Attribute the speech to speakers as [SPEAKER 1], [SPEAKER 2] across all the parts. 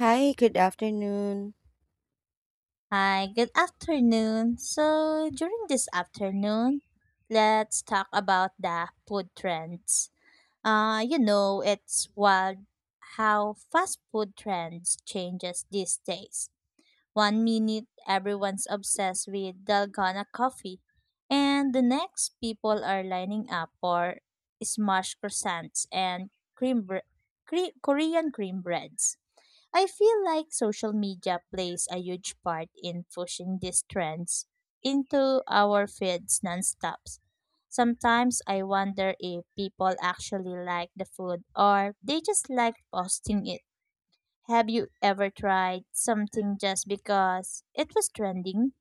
[SPEAKER 1] Hi, good afternoon.
[SPEAKER 2] Hi, good afternoon. So, during this afternoon, let's talk about the food trends. It's wild how fast food trends changes these days. One minute everyone's obsessed with Dalgona coffee, and the next people are lining up for smash croissants and cream bre- Korean cream breads. I feel like social media plays a huge part in pushing these trends into our feeds nonstop. Sometimes I wonder if people actually like the food or they just like posting it. Have you ever tried something just because it was trending?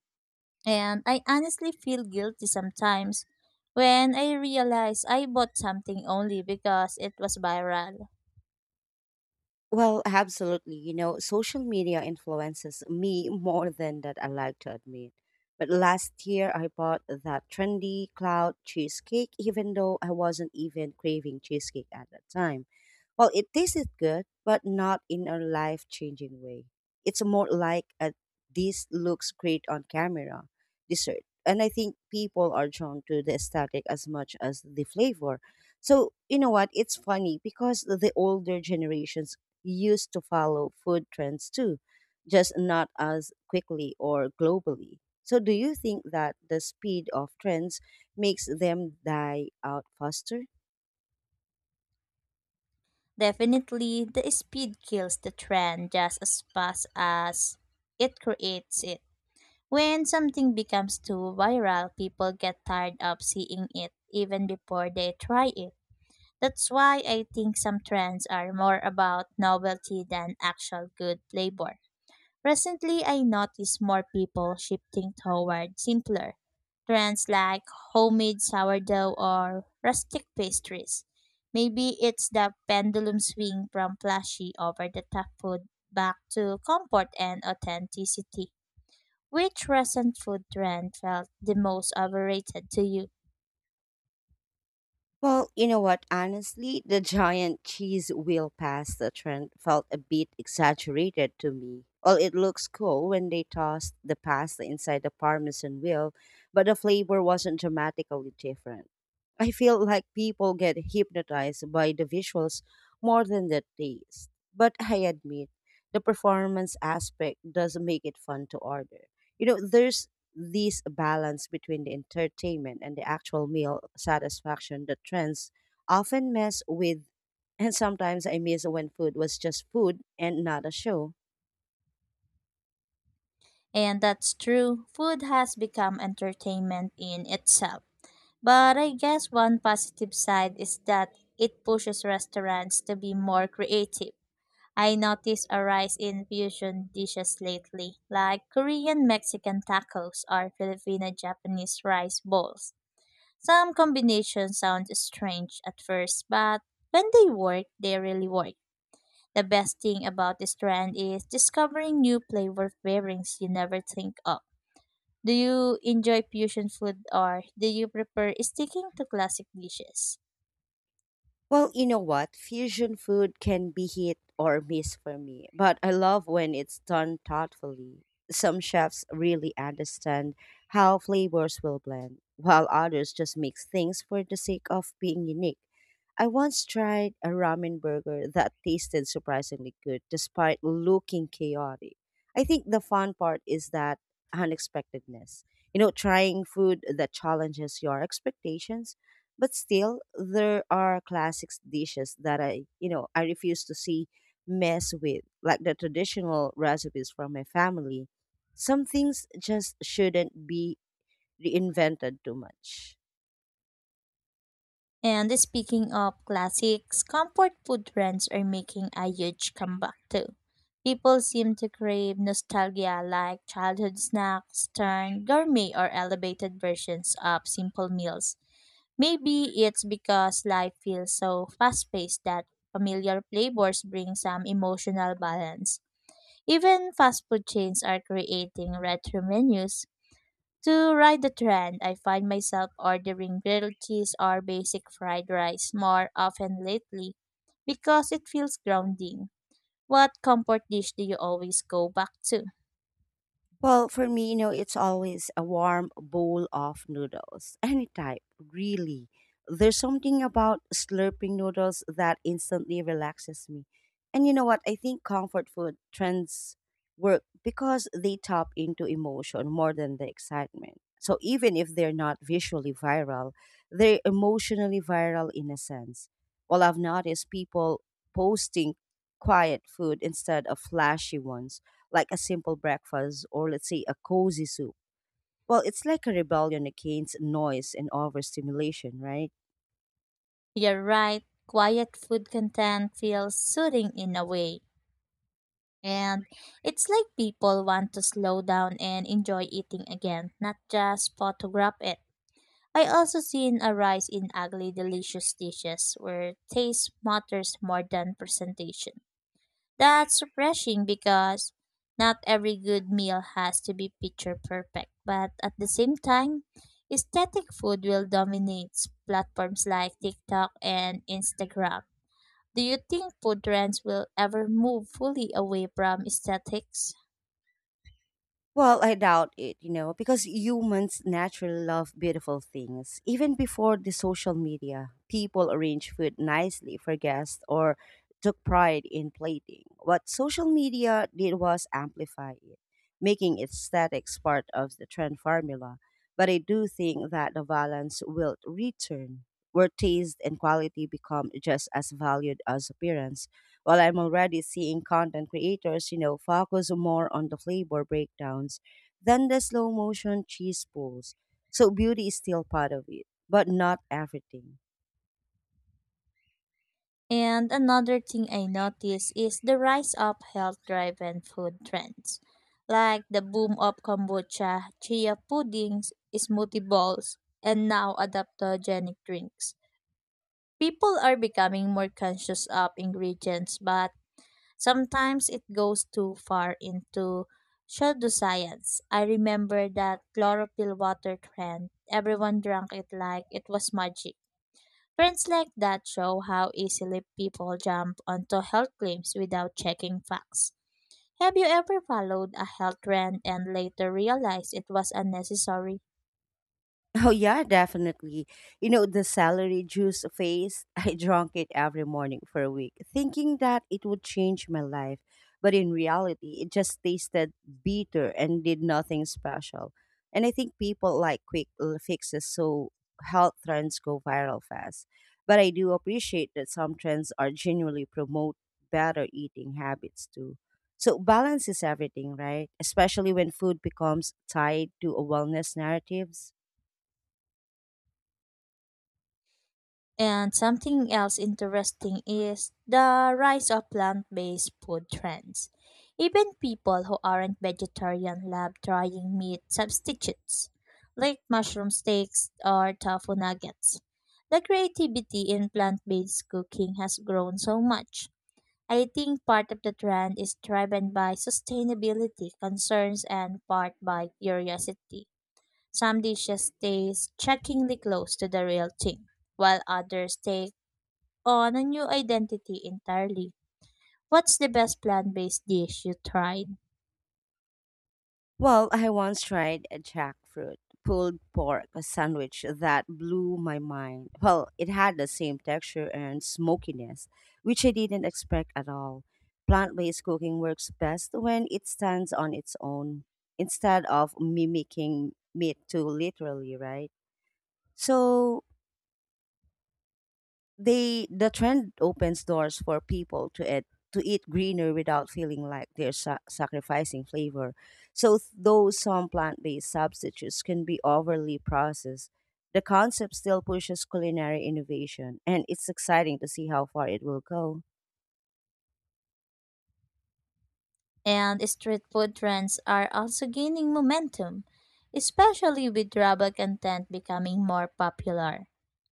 [SPEAKER 2] And I honestly feel guilty sometimes when I realize I bought something only because it was viral.
[SPEAKER 1] Well, absolutely. You know, social media influences me more than that I like to admit. But last year I bought that trendy cloud cheesecake, even though I wasn't even craving cheesecake at that time. Well, it tasted good, but not in a life changing way. It's more like a, this looks great on camera dessert. And I think people are drawn to the aesthetic as much as the flavor. So, you know what? It's funny because the older generations used to follow food trends too, just not as quickly or globally. So, do you think that the speed of trends makes them die out faster?
[SPEAKER 2] Definitely, the speed kills the trend just as fast as it creates it. When something becomes too viral, people get tired of seeing it even before they try it. That's why I think some trends are more about novelty than actual good flavor. Recently, I noticed more people shifting toward simpler trends like homemade sourdough or rustic pastries. Maybe it's the pendulum swing from flashy over the top food back to comfort and authenticity. Which recent food trend felt the most overrated to you?
[SPEAKER 1] Well, you know what? Honestly, the giant cheese wheel pasta trend felt a bit exaggerated to me. Well, it looks cool when they tossed the pasta inside the parmesan wheel, but the flavor wasn't dramatically different. I feel like people get hypnotized by the visuals more than the taste. But I admit, the performance aspect does make it fun to order. You know, there's this balance between the entertainment and the actual meal satisfaction that trends often mess with. And sometimes I miss when food was just food and not a show.
[SPEAKER 2] And that's true, food has become entertainment in itself. But I guess one positive side is that it pushes restaurants to be more creative. I noticed a rise in fusion dishes lately, like Korean Mexican tacos or Filipino Japanese rice bowls. Some combinations sound strange at first, but when they work, they really work. The best thing about this trend is discovering new flavor pairings you never think of. Do you enjoy fusion food or do you prefer sticking to classic dishes?
[SPEAKER 1] Well, you know what? Fusion food can be hit or miss for me, but I love when it's done thoughtfully. Some chefs really understand how flavors will blend, while others just mix things for the sake of being unique. I once tried a ramen burger that tasted surprisingly good despite looking chaotic. I think the fun part is that unexpectedness. You know, trying food that challenges your expectations but still, there are classics dishes that I, I refuse to see mess with, like the traditional recipes from my family. Some things just shouldn't be reinvented too much.
[SPEAKER 2] And speaking of classics, comfort food trends are making a huge comeback too. People seem to crave nostalgia like childhood snacks turned gourmet or elevated versions of simple meals. Maybe it's because life feels so fast paced that familiar flavors bring some emotional balance. Even fast food chains are creating retro menus to ride the trend. I find myself ordering grilled cheese or basic fried rice more often lately because it feels grounding. What comfort dish do you always go back to?
[SPEAKER 1] Well, for me, you know, it's always a warm bowl of noodles, any type, really. There's something about slurping noodles that instantly relaxes me. And you know what? I think comfort food trends work because they tap into emotion more than the excitement. So even if they're not visually viral, they're emotionally viral in a sense. Well, I've noticed people posting quiet food instead of flashy ones like a simple breakfast or let's say a cozy soup. Well, it's like a rebellion against noise and overstimulation, right?
[SPEAKER 2] You're right, quiet food content feels soothing in a way. And it's like people want to slow down and enjoy eating again, not just photograph it. I also seen a rise in ugly delicious dishes where taste matters more than presentation. That's refreshing because not every good meal has to be picture perfect, but at the same time, aesthetic food will dominate platforms like TikTok and Instagram. Do you think food trends will ever move fully away from aesthetics?
[SPEAKER 1] Well, I doubt it, you know, because humans naturally love beautiful things. Even before the social media, people arranged food nicely for guests or took pride in plating. What social media did was amplify it, making aesthetics part of the trend formula. But I do think that the balance will return, where taste and quality become just as valued as appearance. While I'm already seeing content creators, you know, focus more on the flavor breakdowns than the slow motion cheese pulls. So beauty is still part of it, but not everything.
[SPEAKER 2] And another thing I notice is the rise of health-driven food trends, like the boom of kombucha, chia puddings, smoothie bowls, and now adaptogenic drinks. People are becoming more conscious of ingredients, but sometimes it goes too far into pseudoscience. I remember that chlorophyll water trend. Everyone drank it like it was magic. Trends like that show how easily people jump onto health claims without checking facts. Have you ever followed a health trend and later realized it was unnecessary?
[SPEAKER 1] Oh yeah, definitely. You know, the celery juice phase, I drank it every morning for a week, thinking that it would change my life. But in reality, it just tasted bitter and did nothing special. And I think people like quick fixes, so health trends go viral fast. But I do appreciate that some trends are genuinely promote better eating habits too. So balance is everything, right? Especially when food becomes tied to a wellness narratives.
[SPEAKER 2] And something else interesting is the rise of plant based food trends. Even people who aren't vegetarian love trying meat substitutes, like mushroom steaks or tofu nuggets. The creativity in plant based cooking has grown so much. I think part of the trend is driven by sustainability concerns and part by curiosity. Some dishes taste shockingly close to the real thing while others take on a new identity entirely. What's the best plant based dish you tried?
[SPEAKER 1] Well, I once tried a jackfruit pulled pork sandwich that blew my mind. Well, it had the same texture and smokiness, which I didn't expect at all. Plant based cooking works best when it stands on its own instead of mimicking meat too literally, right? So, the trend opens doors for people to eat greener without feeling like they're sacrificing flavor. So though some plant-based substitutes can be overly processed, the concept still pushes culinary innovation and it's exciting to see how far it will go.
[SPEAKER 2] And street food trends are also gaining momentum, especially with Rabba content becoming more popular.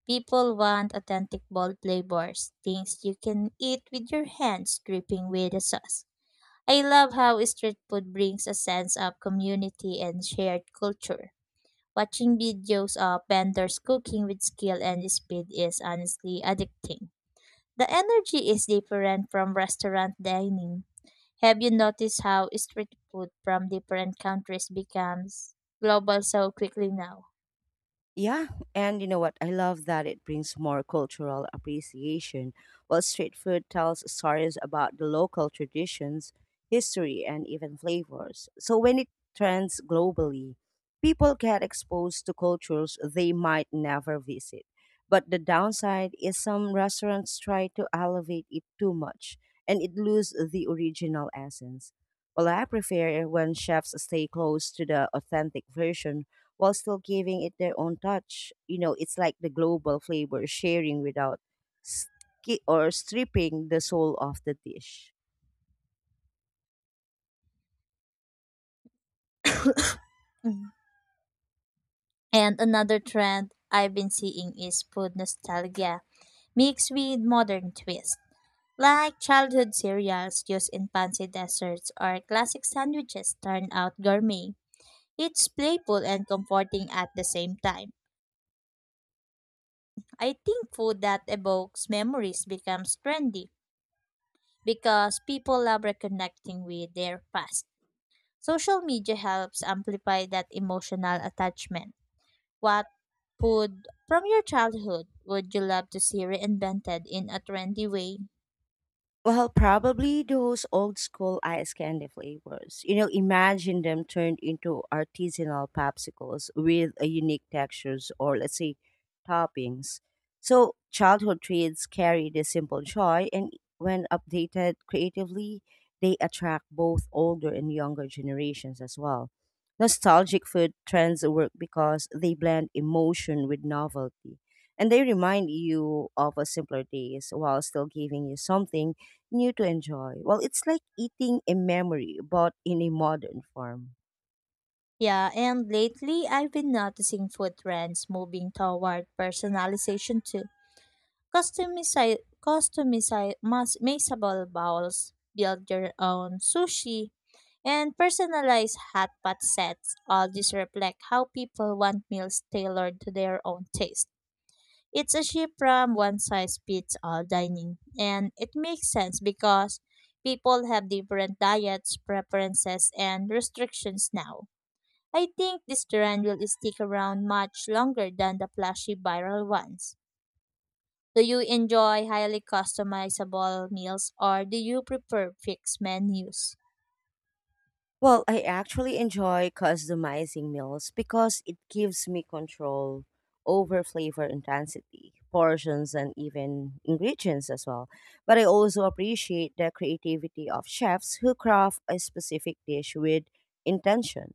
[SPEAKER 2] People want authentic bold flavors, things you can eat with your hands dripping with the sauce. I love how street food brings a sense of community and shared culture. Watching videos of vendors cooking with skill and speed is honestly addicting. The energy is different from restaurant dining. Have you noticed how street food from different countries becomes global so quickly now?
[SPEAKER 1] Yeah, and you know what? I love that it brings more cultural appreciation. While street food tells stories about the local traditions, history, and even flavors. So when it trends globally, people get exposed to cultures they might never visit. But the downside is some restaurants try to elevate it too much and it loses the original essence. Well, I prefer when chefs stay close to the authentic version while still giving it their own touch. You know, it's like the global flavor sharing without ski- or stripping the soul of the dish.
[SPEAKER 2] Mm. And another trend I've been seeing is food nostalgia mixed with modern twist, like childhood cereals used in fancy desserts or classic sandwiches turned out gourmet. It's playful and comforting at the same time. I think food that evokes memories becomes trendy because people love reconnecting with their past. Social media helps amplify that emotional attachment. What food from your childhood would you love to see reinvented in a trendy way?
[SPEAKER 1] Well, probably those old school ice candy flavors. You know, imagine them turned into artisanal popsicles with a unique textures or let's say toppings. So childhood treats carry the simple joy and when updated creatively, they attract both older and younger generations as well. Nostalgic food trends work because they blend emotion with novelty. And they remind you of a simpler days while still giving you something new to enjoy. Well, it's like eating a memory, but in a modern form.
[SPEAKER 2] Yeah, and lately I've been noticing food trends moving toward personalization too. Customize, Customizable bowls, build your own sushi, and personalize hot pot sets. All these reflect how people want meals tailored to their own taste. It's a shift from one size fits all dining, and it makes sense because people have different diets, preferences, and restrictions now. I think this trend will stick around much longer than the flashy viral ones. Do you enjoy highly customizable meals or do you prefer fixed menus?
[SPEAKER 1] Well, I actually enjoy customizing meals because it gives me control over flavor intensity, portions, and even ingredients as well. But I also appreciate the creativity of chefs who craft a specific dish with intention.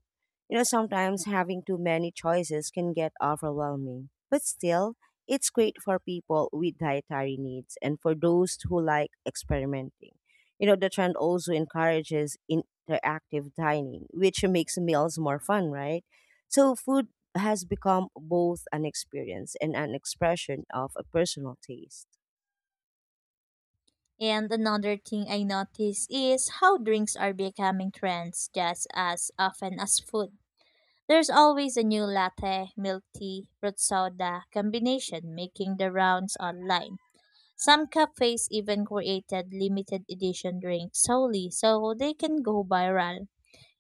[SPEAKER 1] You know, sometimes having too many choices can get overwhelming, but still, it's great for people with dietary needs and for those who like experimenting. You know, the trend also encourages interactive dining, which makes meals more fun, right? So food has become both an experience and an expression of a personal taste.
[SPEAKER 2] And another thing I notice is how drinks are becoming trends just as often as food. There's always a new latte, milk tea, fruit soda combination making the rounds online. Some cafes even created limited edition drinks solely so they can go viral.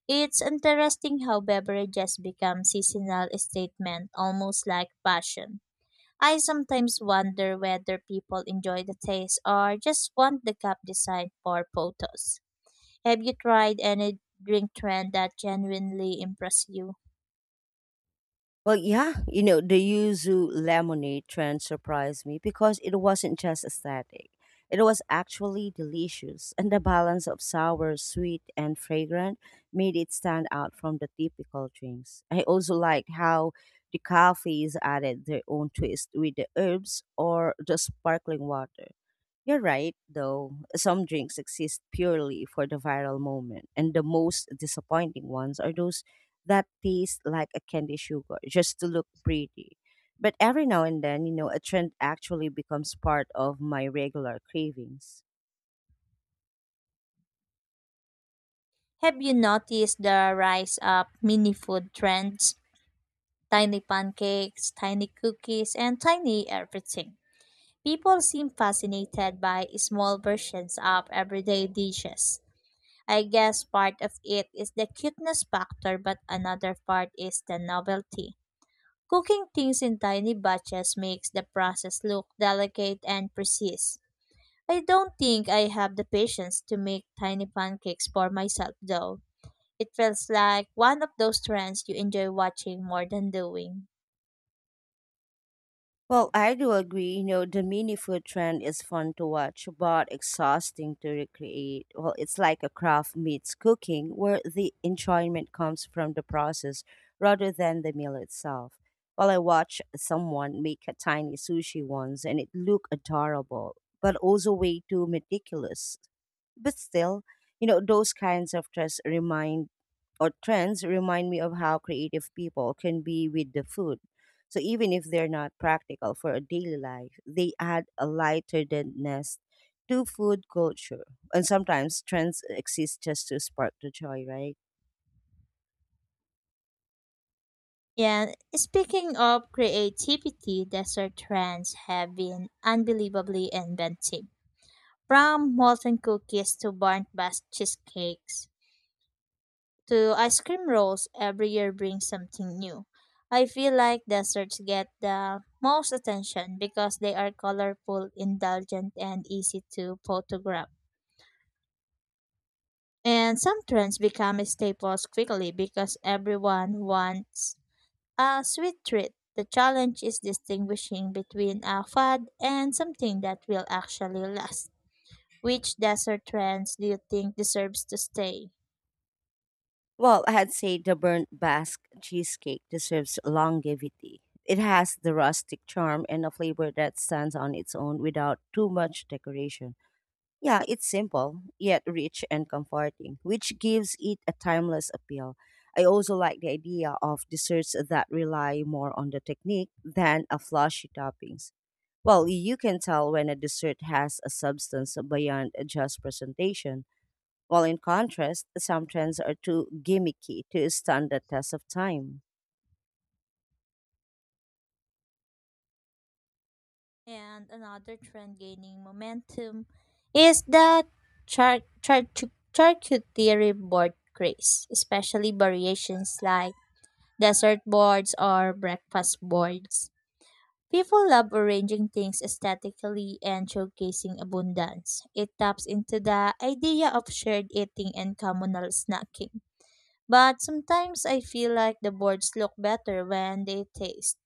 [SPEAKER 2] It's interesting how beverages become seasonal statement, almost like fashion. I sometimes wonder whether people enjoy the taste or just want the cup design for photos. Have you tried any drink trend that genuinely impressed you?
[SPEAKER 1] Well, yeah, you know, the yuzu lemonade trend surprised me because it wasn't just aesthetic. It was actually delicious, and the balance of sour, sweet, and fragrant made it stand out from the typical drinks. I also liked how the cafes added their own twist with the herbs or the sparkling water. You're right, though. Some drinks exist purely for the viral moment, and the most disappointing ones are those that taste like a candy sugar just to look pretty. But every now and then, you know, a trend actually becomes part of my regular cravings.
[SPEAKER 2] Have you noticed the rise of mini food trends? Tiny pancakes, tiny cookies, and tiny everything. People seem fascinated by small versions of everyday dishes. I guess part of it is the cuteness factor, but another part is the novelty. Cooking things in tiny batches makes the process look delicate and precise. I don't think I have the patience to make tiny pancakes for myself though. It feels like one of those trends you enjoy watching more than doing.
[SPEAKER 1] Well, I do agree. You know, the mini food trend is fun to watch, but exhausting to recreate. Well, it's like a craft meets cooking, where the enjoyment comes from the process rather than the meal itself. Well, I watched someone make a tiny sushi once, and it looked adorable, but also way too meticulous. But still, you know, those kinds of trends remind or trends remind me of how creative people can be with the food so even if they're not practical for a daily life, they add a lighter ness to food culture. And sometimes trends exist just to spark the joy, right?
[SPEAKER 2] And speaking of creativity, dessert trends have been unbelievably inventive. From molten cookies to burnt bast cheesecakes to ice cream rolls, every year brings something new. I feel like desserts get the most attention because they are colorful, indulgent, and easy to photograph. And some trends become staples quickly because everyone wants a sweet treat. The challenge is distinguishing between a fad and something that will actually last. Which desert trends do you think deserves to stay?
[SPEAKER 1] Well, I'd say the burnt Basque cheesecake deserves longevity. It has the rustic charm and a flavor that stands on its own without too much decoration. Yeah, it's simple, yet rich and comforting, which gives it a timeless appeal. I also like the idea of desserts that rely more on the technique than a flashy toppings. Well, you can tell when a dessert has a substance beyond just presentation, while in contrast, some trends are too gimmicky to stand the test of time.
[SPEAKER 2] And another trend gaining momentum is the charcuterie board craze, especially variations like dessert boards or breakfast boards. People love arranging things aesthetically and showcasing abundance. It taps into the idea of shared eating and communal snacking. But sometimes I feel like the boards look better when they taste,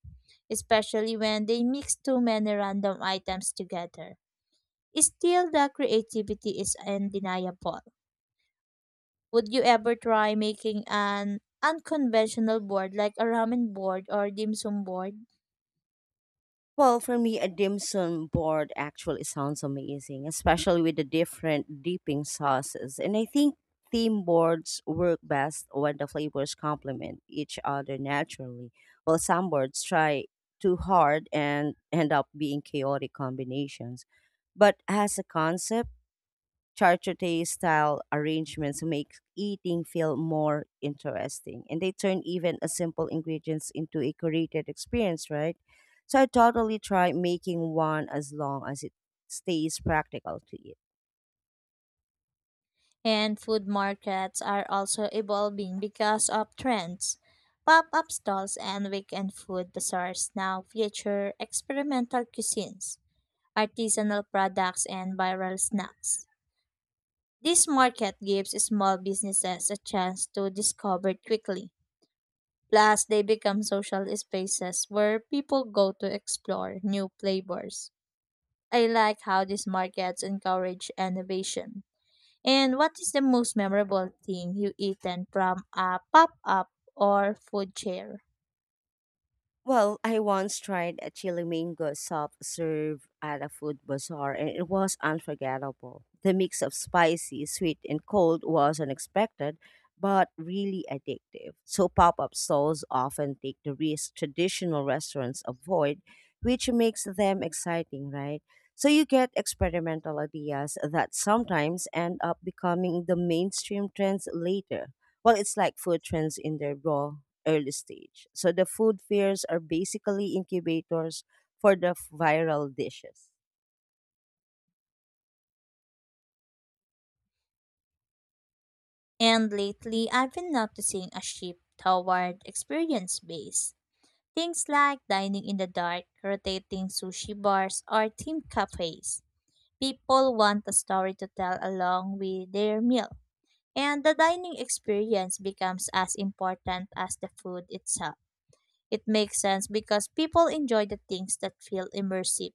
[SPEAKER 2] especially when they mix too many random items together. Still, the creativity is undeniable. Would you ever try making an unconventional board like a ramen board or dim sum board?
[SPEAKER 1] Well, for me, a dim sum board actually sounds amazing, especially with the different dipping sauces. And I think theme boards work best when the flavors complement each other naturally. While some boards try too hard and end up being chaotic combinations. But as a concept, charcuterie style arrangements make eating feel more interesting and they turn even a simple ingredients into a curated experience, right? So I totally try making one as long as it stays practical to eat.
[SPEAKER 2] And food markets are also evolving because of trends. Pop up stalls and weekend food bazaars now feature experimental cuisines, artisanal products, and viral snacks. This market gives small businesses a chance to discover quickly. Plus, they become social spaces where people go to explore new flavors. I like how these markets encourage innovation. And what is the most memorable thing you eaten from a pop-up or food chair?
[SPEAKER 1] Well, I once tried a chili mango soft serve at a food bazaar and it was unforgettable. The mix of spicy, sweet, and cold was unexpected but really addictive. So, pop up stalls often take the risk traditional restaurants avoid, which makes them exciting, right? So, you get experimental ideas that sometimes end up becoming the mainstream trends later. Well, it's like food trends in their raw early stage. So the food fairs are basically incubators for the viral dishes.
[SPEAKER 2] And lately, I've been noticing a shift toward experience-based. Things like dining in the dark, rotating sushi bars, or themed cafes. People want a story to tell along with their meal. And the dining experience becomes as important as the food itself. It makes sense because people enjoy the things that feel immersive.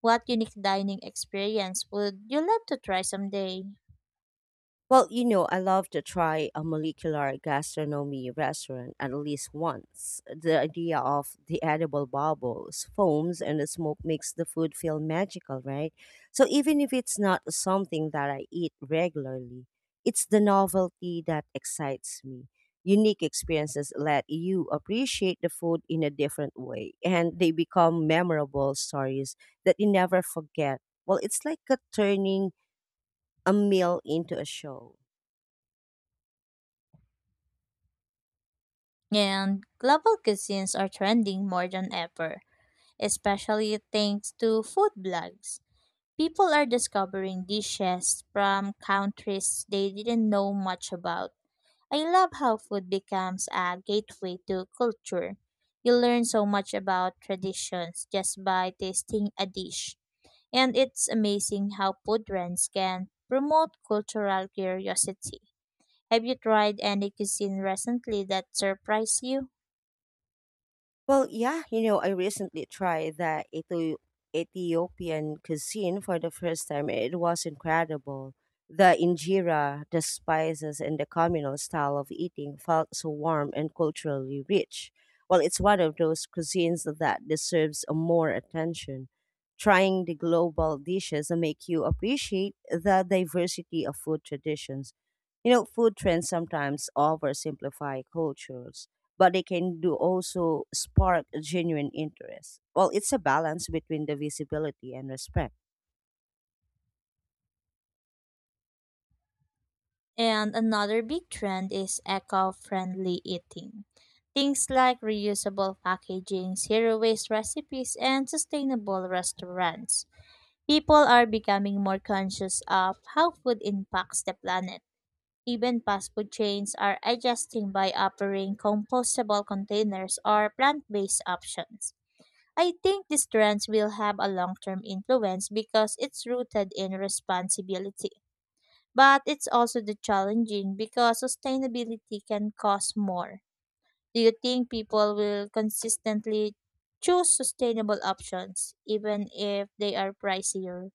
[SPEAKER 2] What unique dining experience would you love to try someday?
[SPEAKER 1] Well, you know, I love to try a molecular gastronomy restaurant at least once. The idea of the edible bubbles, foams, and the smoke makes the food feel magical, right? So even if it's not something that I eat regularly, it's the novelty that excites me. Unique experiences let you appreciate the food in a different way, and they become memorable stories that you never forget. Well, it's like a turning a meal into a show.
[SPEAKER 2] And global cuisines are trending more than ever, especially thanks to food blogs. People are discovering dishes from countries they didn't know much about. I love how food becomes a gateway to culture. You learn so much about traditions just by tasting a dish. And it's amazing how food trends can promote cultural curiosity. Have you tried any cuisine recently that surprised you?
[SPEAKER 1] Well, yeah, you know, I recently tried the Ethiopian cuisine for the first time. It was incredible. The injera, the spices, and the communal style of eating felt so warm and culturally rich. Well, it's one of those cuisines that deserves more attention. Trying the global dishes make you appreciate the diversity of food traditions. You know, food trends sometimes oversimplify cultures but they can do also spark a genuine interest. Well, it's a balance between the visibility and respect.
[SPEAKER 2] And another big trend is eco friendly eating. Things like reusable packaging, zero waste recipes, and sustainable restaurants. People are becoming more conscious of how food impacts the planet. Even fast food chains are adjusting by offering compostable containers or plant based options. I think these trends will have a long term influence because it's rooted in responsibility. But it's also the challenging because sustainability can cost more. Do you think people will consistently choose sustainable options even if they are pricier?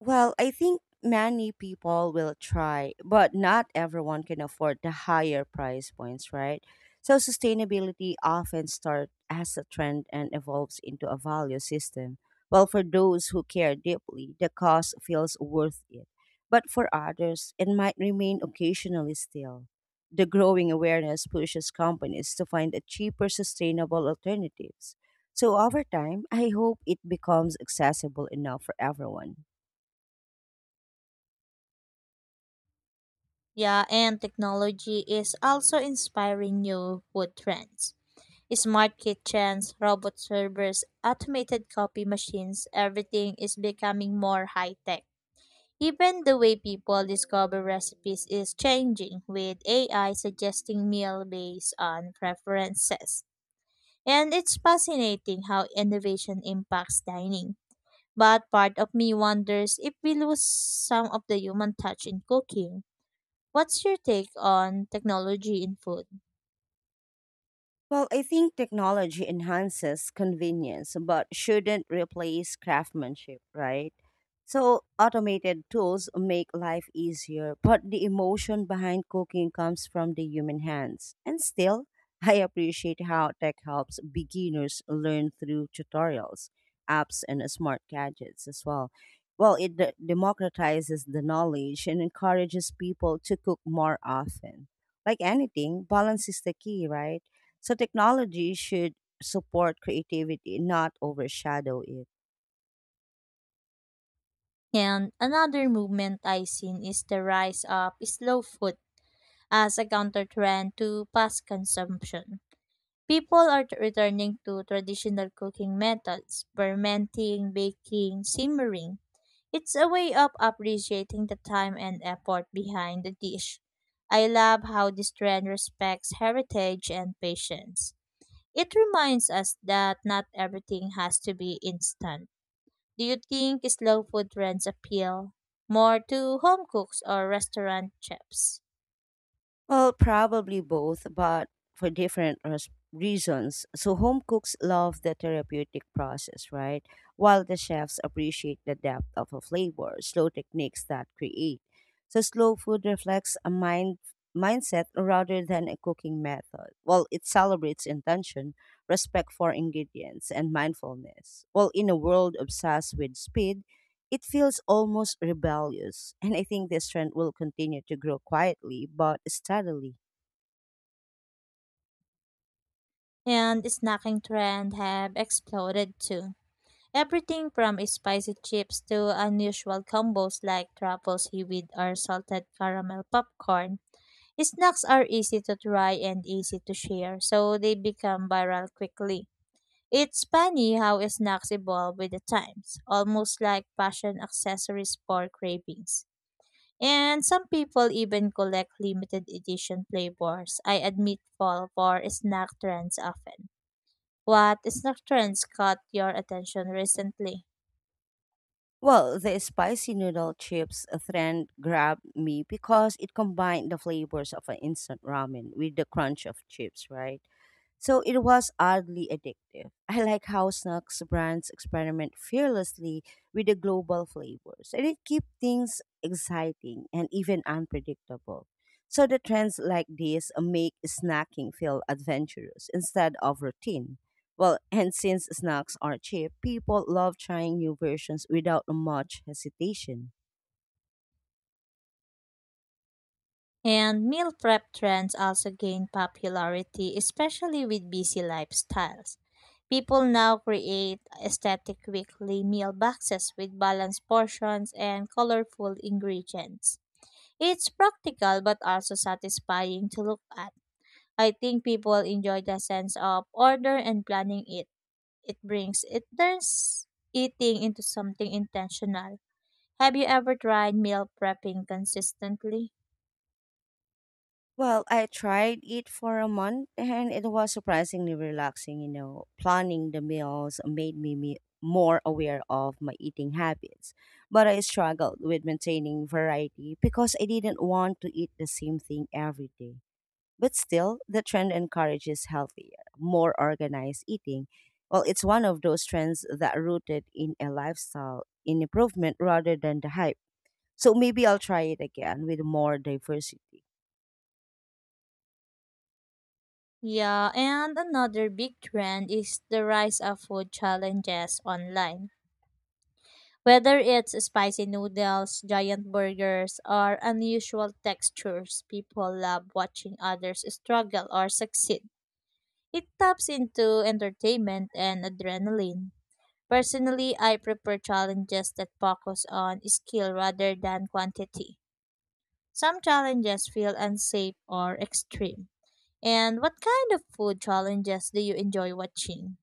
[SPEAKER 1] Well, I think many people will try, but not everyone can afford the higher price points, right? So sustainability often starts as a trend and evolves into a value system. Well, for those who care deeply, the cost feels worth it. But for others, it might remain occasionally still. The growing awareness pushes companies to find a cheaper, sustainable alternatives. So over time, I hope it becomes accessible enough for everyone.
[SPEAKER 2] Yeah, and technology is also inspiring new food trends. Smart kitchens, robot servers, automated copy machines, everything is becoming more high tech. Even the way people discover recipes is changing, with AI suggesting meal based on preferences. And it's fascinating how innovation impacts dining. But part of me wonders if we lose some of the human touch in cooking. What's your take on technology in food?
[SPEAKER 1] Well, I think technology enhances convenience but shouldn't replace craftsmanship, right? So, automated tools make life easier, but the emotion behind cooking comes from the human hands. And still, I appreciate how tech helps beginners learn through tutorials, apps, and smart gadgets as well. Well, it democratizes the knowledge and encourages people to cook more often. Like anything, balance is the key, right? So technology should support creativity, not overshadow it.
[SPEAKER 2] And another movement I've seen is the rise of slow food as a counter trend to fast consumption. People are returning to traditional cooking methods, fermenting, baking, simmering. It's a way of appreciating the time and effort behind the dish. I love how this trend respects heritage and patience. It reminds us that not everything has to be instant. Do you think slow food trends appeal more to home cooks or restaurant chefs?
[SPEAKER 1] Well, probably both, but for different reasons. So home cooks love the therapeutic process, right? While the chefs appreciate the depth of a flavor, slow techniques that create. So slow food reflects a mindset rather than a cooking method. Well, it celebrates intention, respect for ingredients, and mindfulness. Well, in a world obsessed with speed, it feels almost rebellious, and I think this trend will continue to grow quietly but steadily.
[SPEAKER 2] And snacking trend have exploded too. Everything from spicy chips to unusual combos like truffle seaweed or salted caramel popcorn. Snacks are easy to try and easy to share, so they become viral quickly. It's funny how snacks evolve with the times, almost like fashion accessories for cravings. And some people even collect limited edition flavors. I admit fall for snack trends often. What snack trends caught your attention recently?
[SPEAKER 1] Well, the spicy noodle chips trend grabbed me because it combined the flavors of an instant ramen with the crunch of chips, right? So it was oddly addictive. I like how snacks brands experiment fearlessly with the global flavors, and it keeps things exciting and even unpredictable. So the trends like this make snacking feel adventurous instead of routine. Well, and since snacks are cheap, people love trying new versions without much hesitation.
[SPEAKER 2] And meal prep trends also gain popularity, especially with busy lifestyles. People now create aesthetic weekly meal boxes with balanced portions and colorful ingredients. It's practical but also satisfying to look at. I think people enjoy the sense of order and planning it. It brings it turns eating into something intentional. Have you ever tried meal prepping consistently?
[SPEAKER 1] Well, I tried it for a month and it was surprisingly relaxing, you know. Planning the meals made me more aware of my eating habits, but I struggled with maintaining variety because I didn't want to eat the same thing every day. But still, the trend encourages healthier, more organized eating. Well, it's one of those trends that rooted in a lifestyle in improvement rather than the hype. So maybe I'll try it again with more diversity.
[SPEAKER 2] Yeah, and another big trend is the rise of food challenges online. Whether it's spicy noodles, giant burgers, or unusual textures, people love watching others struggle or succeed. It taps into entertainment and adrenaline. Personally, I prefer challenges that focus on skill rather than quantity. Some challenges feel unsafe or extreme. And what kind of food challenges do you enjoy watching?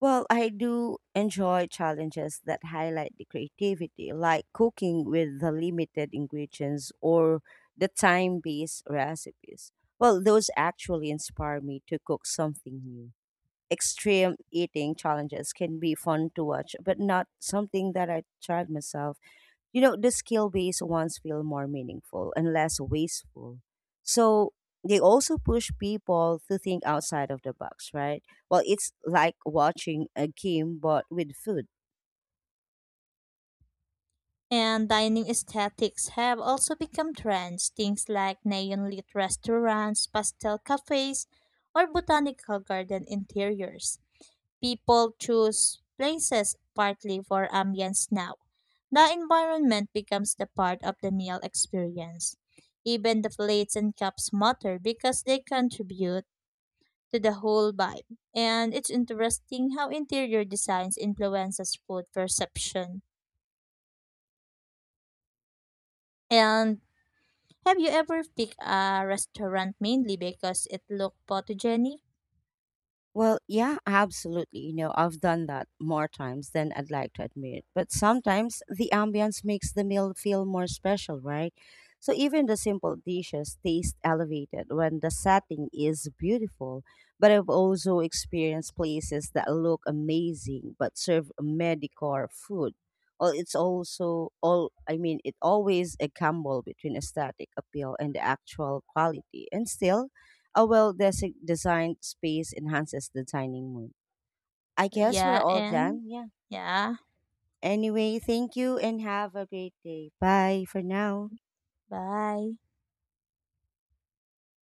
[SPEAKER 1] Well, I do enjoy challenges that highlight the creativity, like cooking with the limited ingredients or the time based recipes. Well, those actually inspire me to cook something new. Extreme eating challenges can be fun to watch, but not something that I tried myself. You know, the skill based ones feel more meaningful and less wasteful. So they also push people to think outside of the box, right? Well, it's like watching a game, but with food.
[SPEAKER 2] And dining aesthetics have also become trends. Things like neon lit restaurants, pastel cafes, or botanical garden interiors. People choose places partly for ambience now. The environment becomes the part of the meal experience. Even the plates and cups matter because they contribute to the whole vibe. And it's interesting how interior designs influences food perception. And have you ever picked a restaurant mainly because it looked photogenic?
[SPEAKER 1] Well, yeah, absolutely. You know, I've done that more times than I'd like to admit. But sometimes the ambience makes the meal feel more special, right? So even the simple dishes taste elevated when the setting is beautiful. But I've also experienced places that look amazing but serve mediocre food. Well, it's also all I mean, it always a gamble between aesthetic appeal and the actual quality. And still a well designed space enhances the dining mood. I guess we're
[SPEAKER 2] Yeah,
[SPEAKER 1] all done. Yeah.
[SPEAKER 2] yeah,
[SPEAKER 1] Anyway, thank you and have a great day. Bye for now.
[SPEAKER 2] bye.